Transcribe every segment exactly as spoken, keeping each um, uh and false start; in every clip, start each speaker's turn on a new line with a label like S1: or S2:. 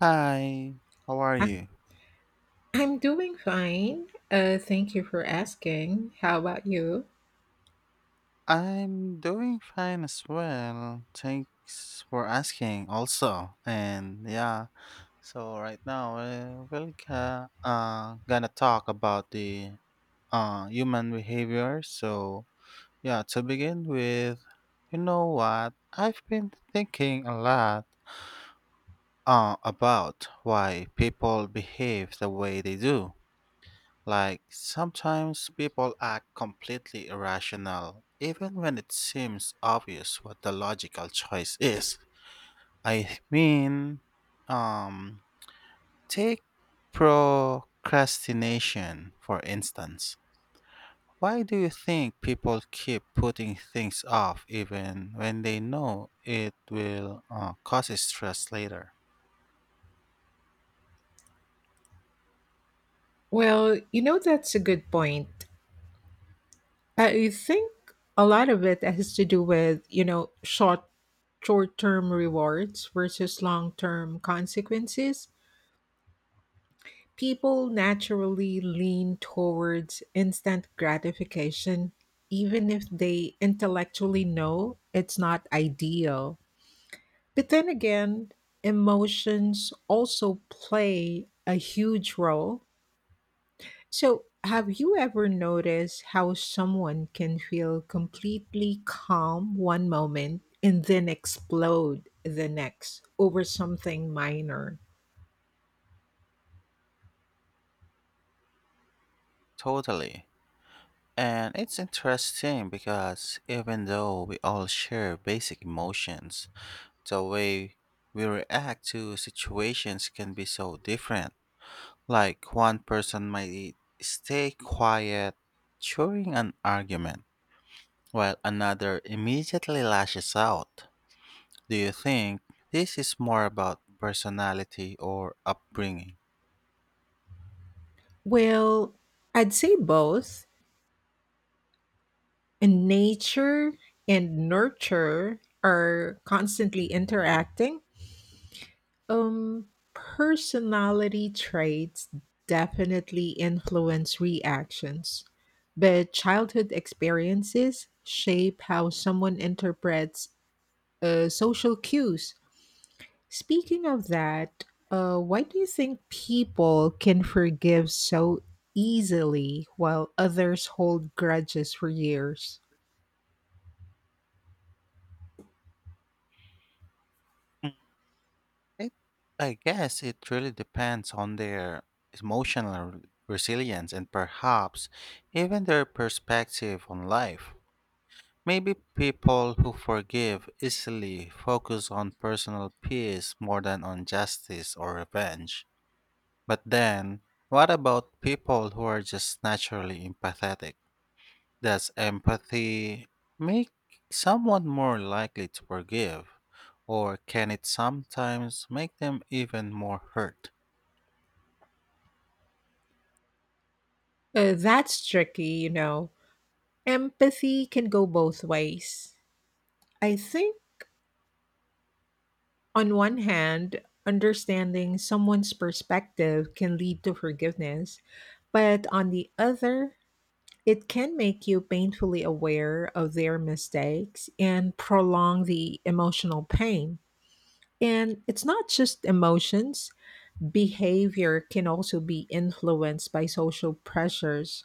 S1: Hi, how are
S2: I-
S1: you?
S2: I'm doing fine. Uh, thank you for asking. How about you?
S1: I'm doing fine as well. Thanks for asking also. And yeah, so right now uh, we're ca- uh, gonna talk about the uh, human behavior. So yeah, to begin with, you know what? I've been thinking a lot uh, about why people behave the way they do. Like, sometimes people act completely irrational, even when it seems obvious what the logical choice is. I mean, um, take procrastination, for instance. Why do you think people keep putting things off even when they know it will uh, cause stress later?
S2: Well, you know, that's a good point. I think a lot of it has to do with, you know, short short-term rewards versus long-term consequences. People naturally lean towards instant gratification, even if they intellectually know it's not ideal. But then again, emotions also play a huge role. So, have you ever noticed how someone can feel completely calm one moment and then explode the next over something minor?
S1: Totally. And it's interesting because even though we all share basic emotions, the way we react to situations can be so different. Like one person might stay quiet during an argument, while another immediately lashes out. Do you think this is more about personality or upbringing?
S2: Well, I'd say both. And nature and nurture are constantly interacting. um Personality traits definitely influence reactions, but childhood experiences shape how someone interprets uh, social cues. Speaking of that, uh, why do you think people can forgive so easily while others hold grudges for years?
S1: Mm, It, I guess it really depends on their emotional resilience and perhaps even their perspective on life. Maybe people who forgive easily focus on personal peace more than on justice or revenge. But then, what about people who are just naturally empathetic? Does empathy make someone more likely to forgive? Or can it sometimes make them even more hurt?
S2: Uh, that's tricky, you know. Empathy can go both ways. I think, on one hand, understanding someone's perspective can lead to forgiveness, but on the other, it can make you painfully aware of their mistakes and prolong the emotional pain. And it's not just emotions, behavior can also be influenced by social pressures.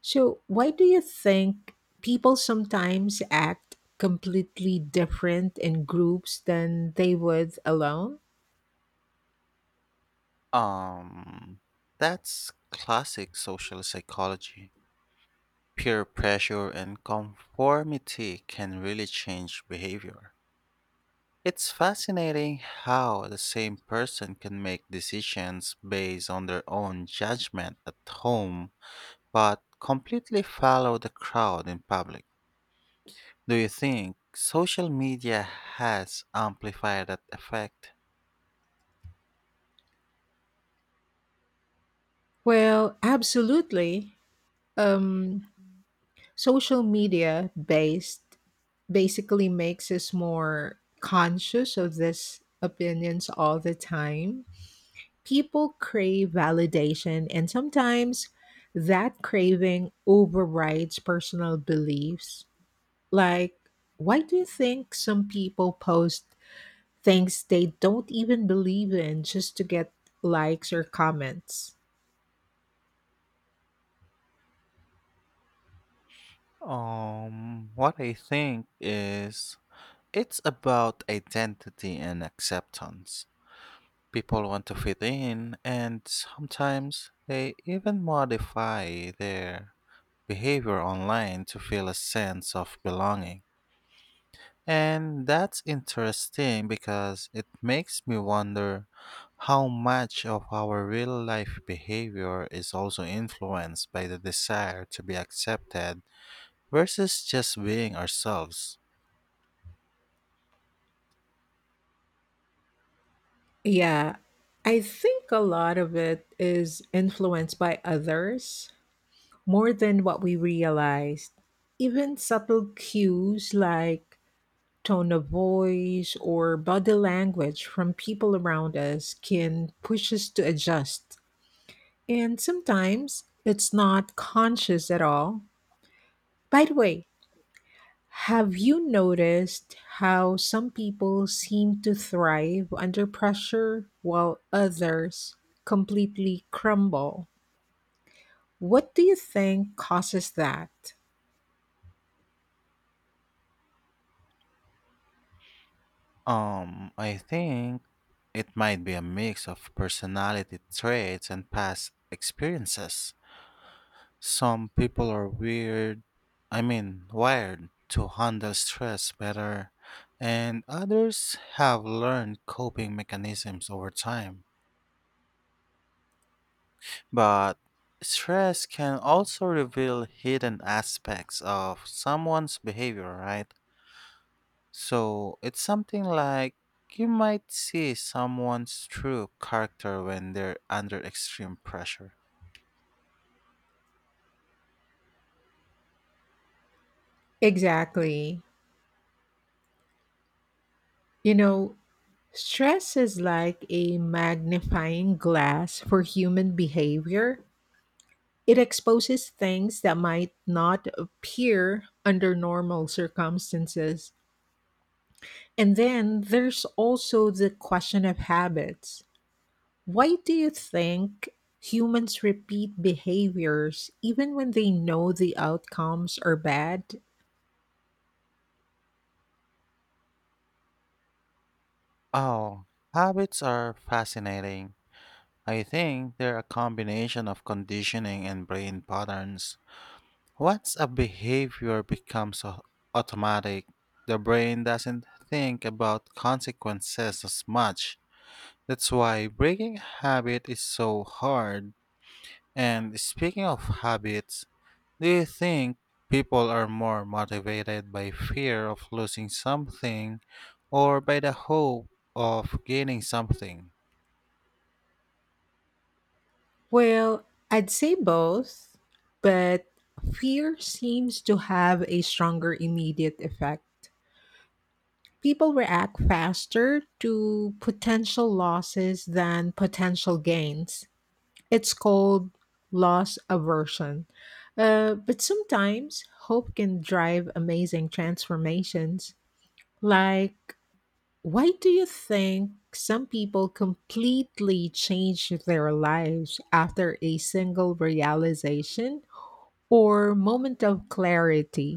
S2: So, why do you think people sometimes act completely different in groups than they would alone?
S1: Um, that's classic social psychology. Peer pressure and conformity can really change behavior. It's fascinating how the same person can make decisions based on their own judgment at home, but completely follow the crowd in public. Do you think social media has amplified that effect?
S2: Well, absolutely. Um, social media based basically makes us more conscious of these opinions all the time. People crave validation, and sometimes that craving overrides personal beliefs. Like, why do you think some people post things they don't even believe in just to get likes or comments?
S1: Um, what I think is it's about identity and acceptance. People want to fit in, and sometimes they even modify their behavior online to feel a sense of belonging. And that's interesting because it makes me wonder how much of our real life behavior is also influenced by the desire to be accepted versus just being ourselves.
S2: Yeah, I think a lot of it is influenced by others more than what we realized. Even subtle cues like tone of voice or body language from people around us can push us to adjust. And sometimes it's not conscious at all. By the way, have you noticed how some people seem to thrive under pressure while others completely crumble? What do you think causes that?
S1: Um, I think it might be a mix of personality traits and past experiences. Some people are weird, I mean, Wired to handle stress better, and others have learned coping mechanisms over time. But stress can also reveal hidden aspects of someone's behavior, right? So it's something like you might see someone's true character when they're under extreme pressure.
S2: Exactly. You know, stress is like a magnifying glass for human behavior. It exposes things that might not appear under normal circumstances. And then there's also the question of habits. Why do you think humans repeat behaviors even when they know the outcomes are bad?
S1: Oh, habits are fascinating. I think they're a combination of conditioning and brain patterns. Once a behavior becomes au- automatic, the brain doesn't think about consequences as much. That's why breaking a habit is so hard. And speaking of habits, do you think people are more motivated by fear of losing something or by the hope of gaining something?
S2: Well, I'd say both, but fear seems to have a stronger immediate effect. People react faster to potential losses than potential gains. It's called loss aversion. Uh, but sometimes hope can drive amazing transformations. Like, why do you think some people completely change their lives after a single realization or moment of clarity?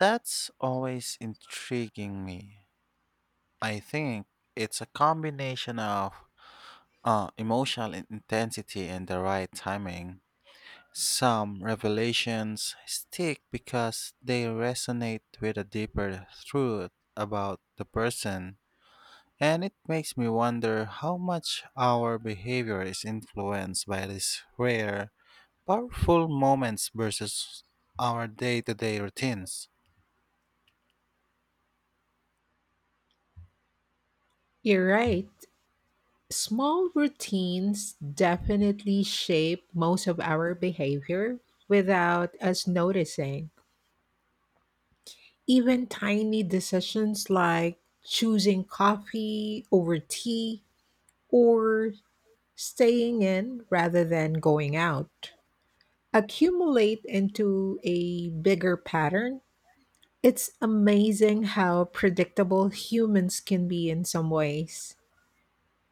S1: That's always intriguing me. I think it's a combination of uh, emotional in- intensity and the right timing. Some revelations stick because they resonate with a deeper truth about the person. And it makes me wonder how much our behavior is influenced by these rare, powerful moments versus our day to day routines.
S2: You're right. Small routines definitely shape most of our behavior without us noticing. Even tiny decisions like choosing coffee over tea or staying in rather than going out accumulate into a bigger pattern. It's amazing how predictable humans can be in some ways.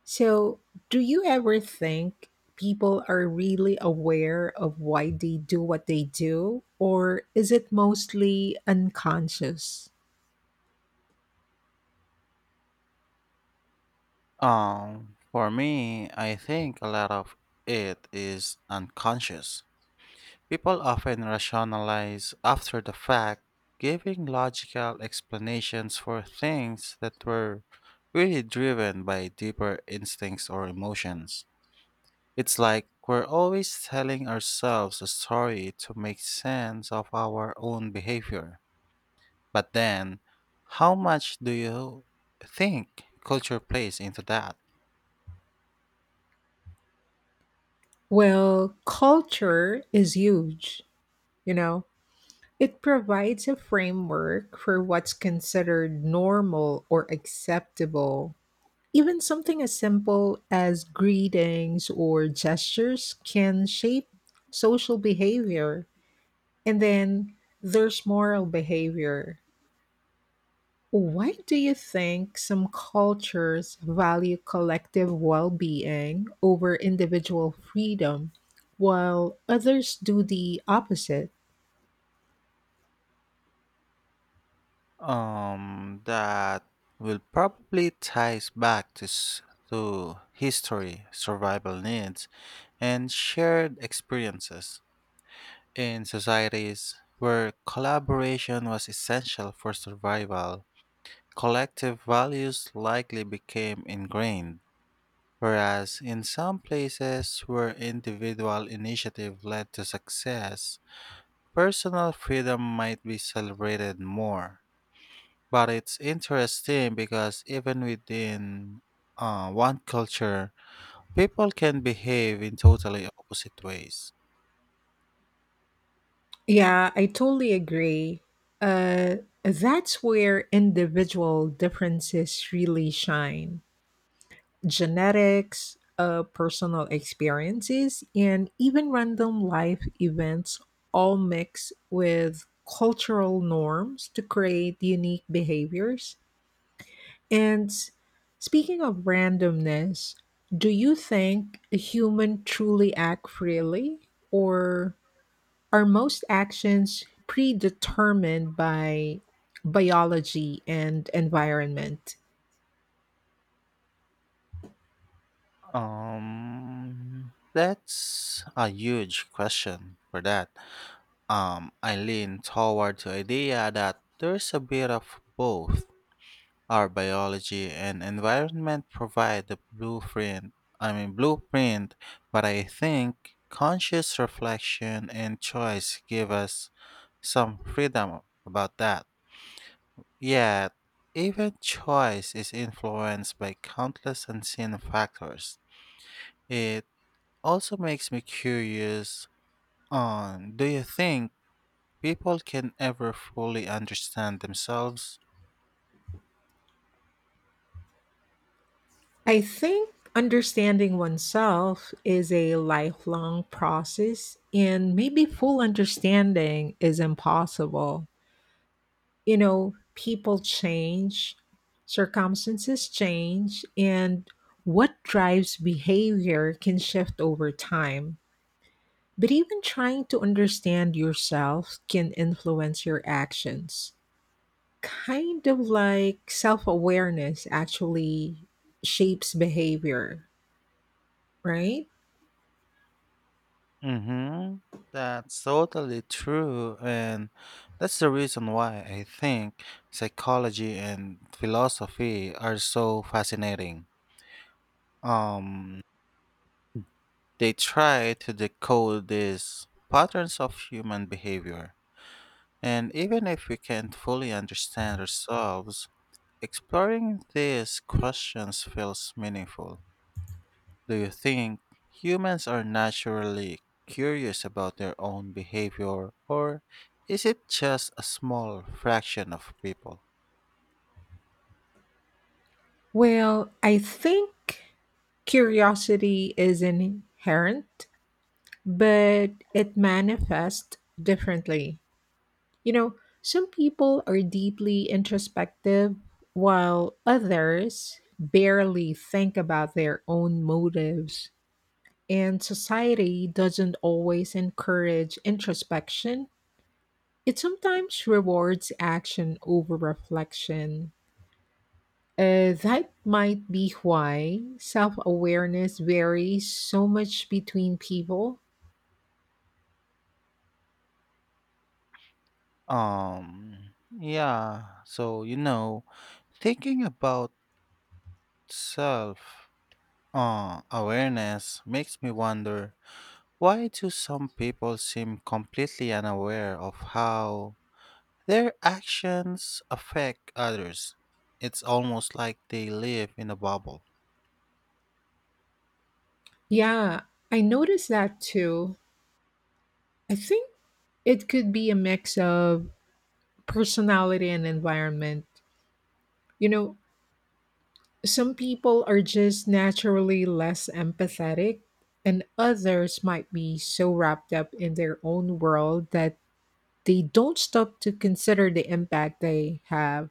S2: So, do you ever think people are really aware of why they do what they do, or is it mostly unconscious?
S1: Um, for me, I think a lot of it is unconscious. People often rationalize after the fact, giving logical explanations for things that were really driven by deeper instincts or emotions. It's like we're always telling ourselves a story to make sense of our own behavior. But then, how much do you think culture plays into that?
S2: Well, culture is huge, you know. It provides a framework for what's considered normal or acceptable. Even something as simple as greetings or gestures can shape social behavior. And then there's moral behavior. Why do you think some cultures value collective well being over individual freedom, while others do the opposite?
S1: Um, that will probably ties back to, s- to history, survival needs, and shared experiences. In societies where collaboration was essential for survival, collective values likely became ingrained, whereas in some places where individual initiative led to success, personal freedom might be celebrated more. But it's interesting because even within uh, one culture, people can behave in totally opposite ways.
S2: Yeah, I totally agree. Uh, that's where individual differences really shine. Genetics, uh, personal experiences, and even random life events all mix with cultural norms to create unique behaviors. And speaking of randomness, do you think a human truly act freely, or are most actions predetermined by biology and environment?
S1: Um, that's a huge question for that. Um, I lean toward the idea that there's a bit of both. Our biology and environment provide the blueprint, I mean blueprint, but I think conscious reflection and choice give us some freedom about that. Yet, even choice is influenced by countless unseen factors. It also makes me curious on do you think people can ever fully understand themselves.
S2: I think understanding oneself is a lifelong process and maybe full understanding is impossible. You know, people change, circumstances change, and what drives behavior can shift over time. But even trying to understand yourself can influence your actions. Kind of like self awareness actually shapes behavior, right?
S1: Mm-hmm. That's totally true, and that's the reason why I think psychology and philosophy are so fascinating. Um, they try to decode these patterns of human behavior, and even if we can't fully understand ourselves, exploring these questions feels meaningful. Do you think humans are naturally curious about their own behavior or is it just a small fraction of people?
S2: Well, I think curiosity is inherent, but it manifests differently. You know, some people are deeply introspective, while others barely think about their own motives. And society doesn't always encourage introspection, it sometimes rewards action over reflection. Uh, that might be why self awareness varies so much between people.
S1: Um yeah, so you know, thinking about self uh, awareness makes me wonder why do some people seem completely unaware of how their actions affect others? It's almost like they live in a bubble.
S2: Yeah, I noticed that too. I think it could be a mix of personality and environment. You know, some people are just naturally less empathetic, and others might be so wrapped up in their own world that they don't stop to consider the impact they have.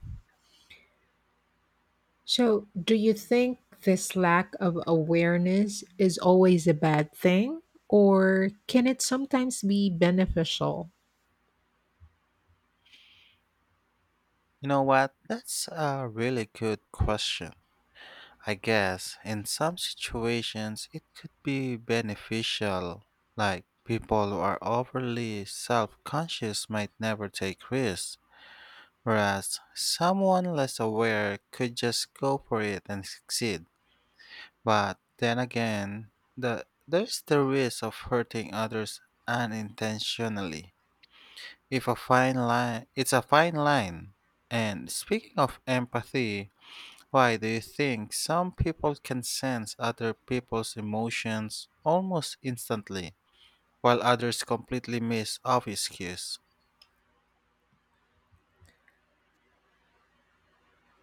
S2: So, do you think this lack of awareness is always a bad thing, or can it sometimes be beneficial?
S1: You know what? That's a really good question. I guess in some situations it could be beneficial, like people who are overly self conscious might never take risks, whereas someone less aware could just go for it and succeed. But then again, the, there's the risk of hurting others unintentionally. If a fine line, It's a fine line. And speaking of empathy, why do you think some people can sense other people's emotions almost instantly, while others completely miss obvious cues?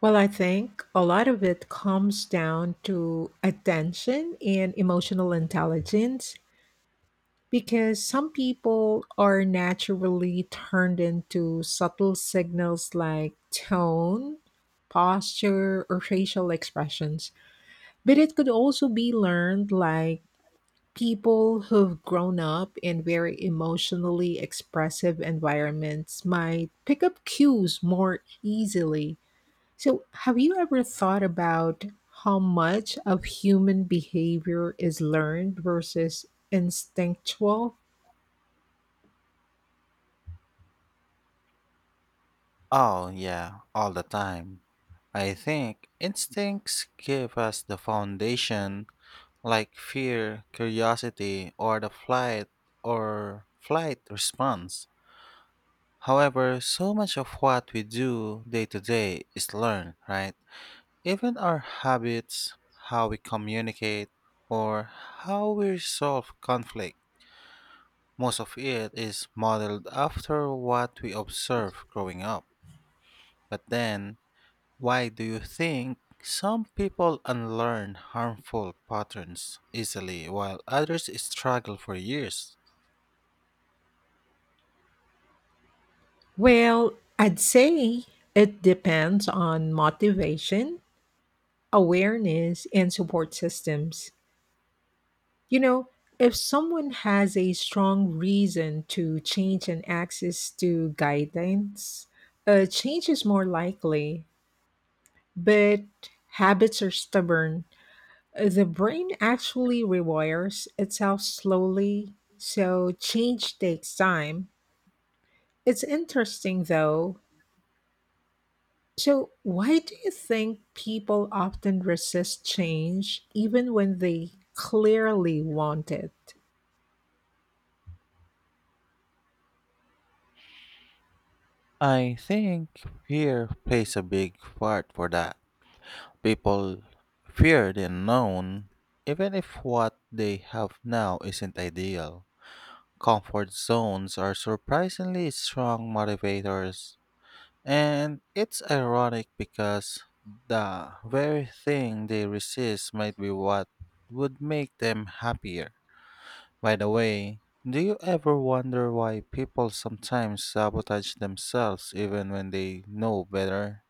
S2: Well, I think a lot of it comes down to attention and emotional intelligence, because some people are naturally turned into subtle signals like tone, posture, or facial expressions. But it could also be learned. Like, people who've grown up in very emotionally expressive environments might pick up cues more easily. So, have you ever thought about how much of human behavior is learned versus instinctual?
S1: Oh, yeah, all the time. I think instincts give us the foundation, like fear, curiosity, or the flight or flight response. However, so much of what we do day to day is learned, right? Even our habits, how we communicate, or how we resolve conflict, most of it is modeled after what we observe growing up. But then, why do you think some people unlearn harmful patterns easily while others struggle for years?
S2: Well, I'd say it depends on motivation, awareness, and support systems. You know, if someone has a strong reason to change and access to guidance, a change is more likely, but habits are stubborn. The brain actually rewires itself slowly, so change takes time. It's interesting though. So, why do you think people often resist change even when they clearly want it?
S1: I think fear plays a big part for that. People fear the unknown, even if what they have now isn't ideal. Comfort zones are surprisingly strong motivators. And it's ironic because the very thing they resist might be what would make them happier. By the way, do you ever wonder why people sometimes sabotage themselves even when they know better?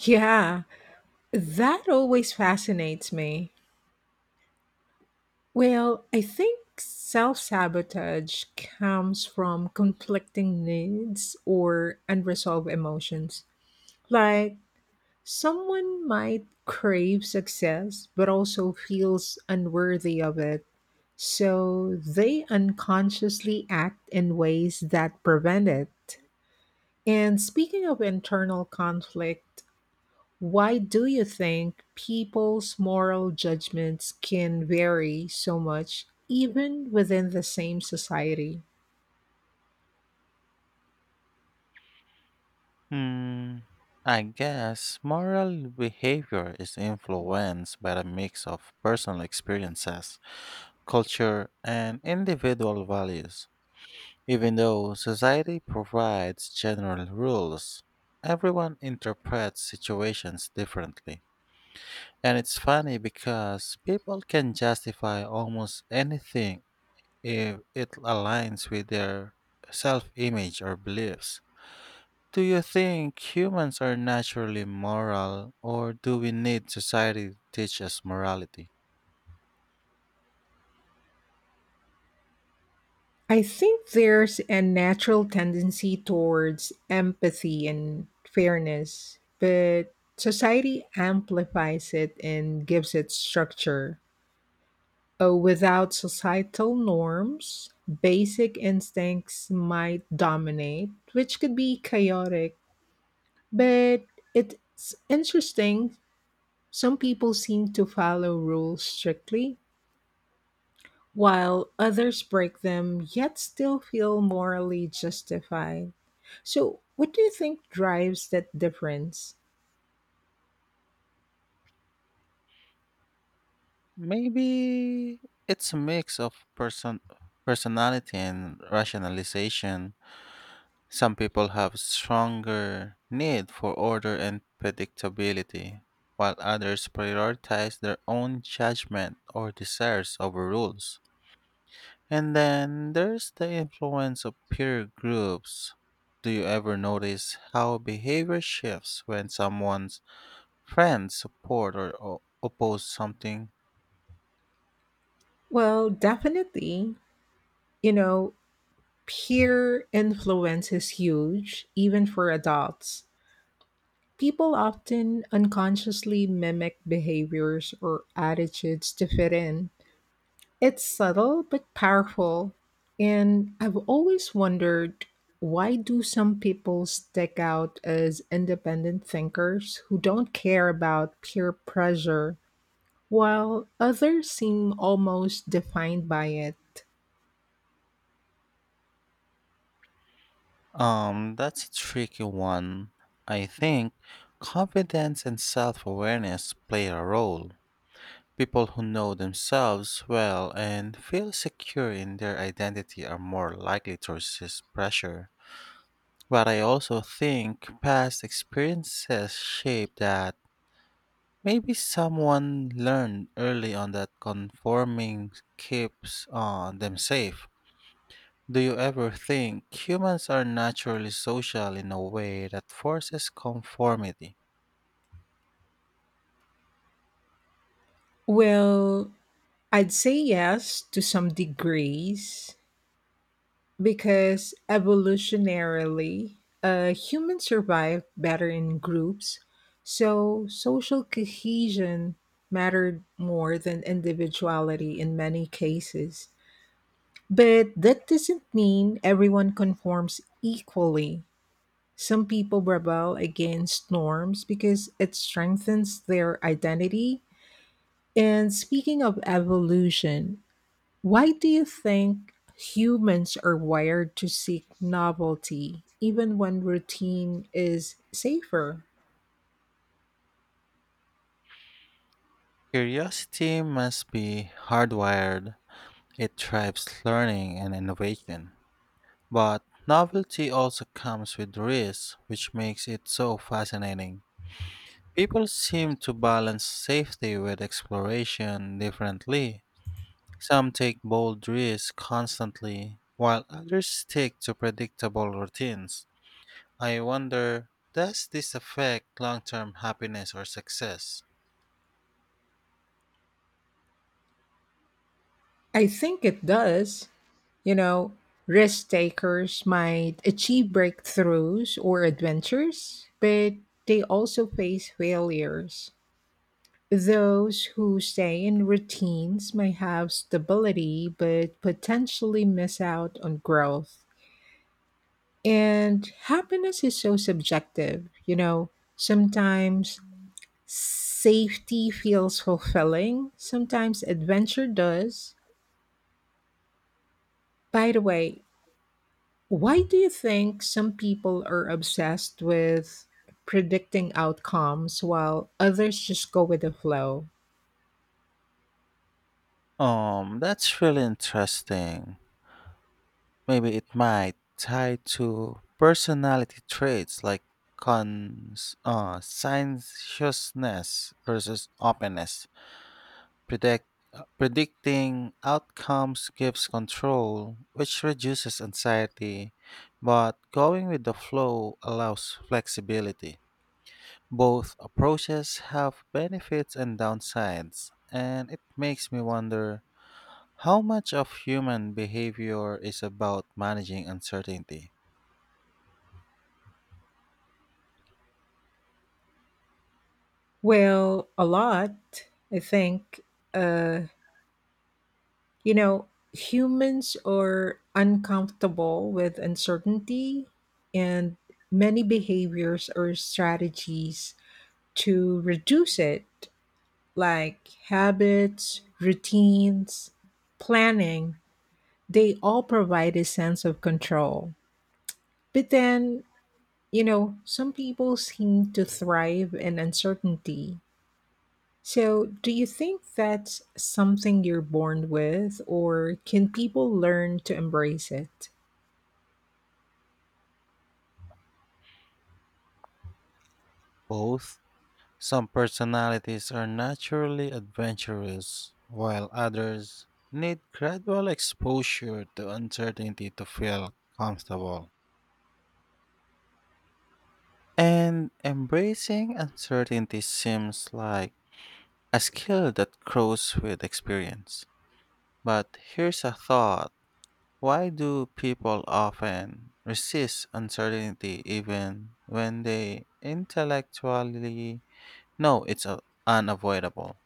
S2: Yeah, that always fascinates me. Well, I think self sabotage comes from conflicting needs or unresolved emotions. Like, someone might crave success but also feels unworthy of it, so they unconsciously act in ways that prevent it. And speaking of internal conflict, why do you think people's moral judgments can vary so much, even within the same society?
S1: Hmm, I guess moral behavior is influenced by a mix of personal experiences culture, and individual values. Even though society provides general rules, everyone interprets situations differently. And it's funny because people can justify almost anything if it aligns with their self image or beliefs. Do you think humans are naturally moral, or do we need society to teach us morality?
S2: I think there's a natural tendency towards empathy and fairness, but society amplifies it and gives it structure. Uh, without societal norms, basic instincts might dominate, which could be chaotic. But it's interesting, some people seem to follow rules strictly, while others break them yet still feel morally justified. So, what do you think drives that difference?
S1: Maybe it's a mix of person personality and rationalization. Some people have stronger need for order and predictability, while others prioritize their own judgment or desires over rules. And then there's the influence of peer groups. Do you ever notice how behavior shifts when someone's friends support or o- oppose something?
S2: Well, definitely, you know, peer influence is huge, even for adults. People often unconsciously mimic behaviors or attitudes to fit in. It's subtle but powerful, and I've always wondered, why do some people stick out as independent thinkers who don't care about peer pressure while others seem almost defined by it?
S1: Um, that's a tricky one. I think confidence and self awareness play a role. People who know themselves well and feel secure in their identity are more likely to resist pressure. But I also think past experiences shape that. Maybe someone learned early on that conforming keeps uh, them safe. Do you ever think humans are naturally social in a way that forces conformity?
S2: Well, I'd say yes to some degrees. Because evolutionarily, uh, humans survive better in groups, so social cohesion mattered more than individuality in many cases. But that doesn't mean everyone conforms equally. Some people rebel against norms because it strengthens their identity. And speaking of evolution, why do you think humans are wired to seek novelty even when routine is safer?
S1: Curiosity must be hardwired. It drives learning and innovation. But novelty also comes with risks, which makes it so fascinating. People seem to balance safety with exploration differently. Some take bold risks constantly, while others stick to predictable routines. I wonder, does this affect long term happiness or success?
S2: I think it does. You know, risk takers might achieve breakthroughs or adventures, but they also face failures. Those who stay in routines may have stability but potentially miss out on growth. And happiness is so subjective, you know. Sometimes safety feels fulfilling, sometimes adventure does. By the way, why do you think some people are obsessed with predicting outcomes while others just go with the flow?
S1: Um, that's really interesting. Maybe it might tie to personality traits like cons, uh, conscientiousness versus openness. Predict, uh, Predicting outcomes gives control, which reduces anxiety, but going with the flow allows flexibility. Both approaches have benefits and downsides, and it makes me wonder how much of human behavior is about managing uncertainty.
S2: Well, a lot, I think. Uh, You know, humans are uncomfortable with uncertainty, and many behaviors or strategies to reduce it, like habits, routines, planning, they all provide a sense of control. But then, you know, some people seem to thrive in uncertainty. So, do you think that's something you're born with, or can people learn to embrace it?
S1: Both some personalities are naturally adventurous, while others need gradual exposure to uncertainty to feel comfortable. And embracing uncertainty seems like a skill that grows with experience. But here's a thought. Why do people often resist uncertainty even when they intellectually know it's uh, unavoidable?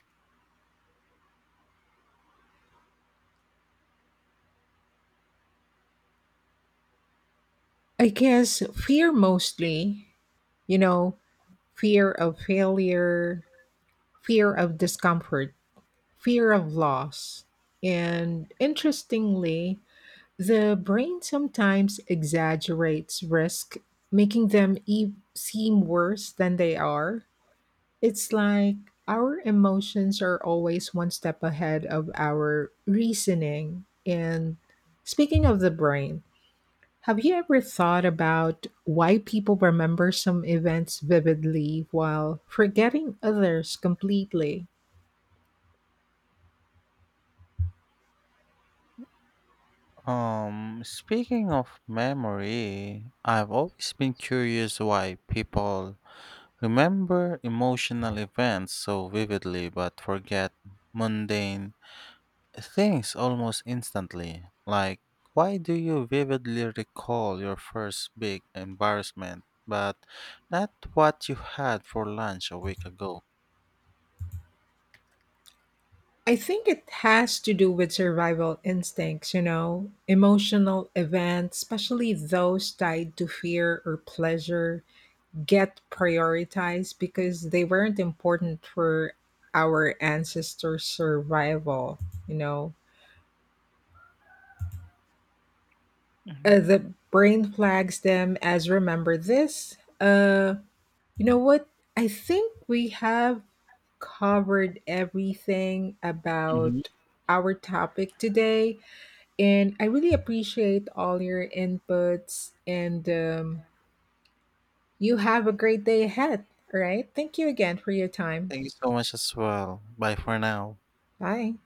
S2: I guess fear mostly, you know, fear of failure, fear of discomfort, fear of loss. And interestingly, the brain sometimes exaggerates risk, making them e- seem worse than they are. It's like our emotions are always one step ahead of our reasoning. And speaking of the brain, have you ever thought about why people remember some events vividly while forgetting others completely?
S1: Um, speaking of memory, I've always been curious why people remember emotional events so vividly but forget mundane things almost instantly, like, why do you vividly recall your first big embarrassment, but not what you had for lunch a week ago?
S2: I think it has to do with survival instincts. You know, emotional events, especially those tied to fear or pleasure, get prioritized because they weren't important for our ancestors' survival, you know. Uh,
S1: Mhm.
S2: the brain flags them as remember this. Uh, you know what? I think we have covered everything
S1: Mhm.
S2: about our topic today, and I really appreciate all your inputs. And um, You have a great day ahead. All right. Thank you again for your time.
S1: Thank you so much as well. Bye for now.
S2: Bye.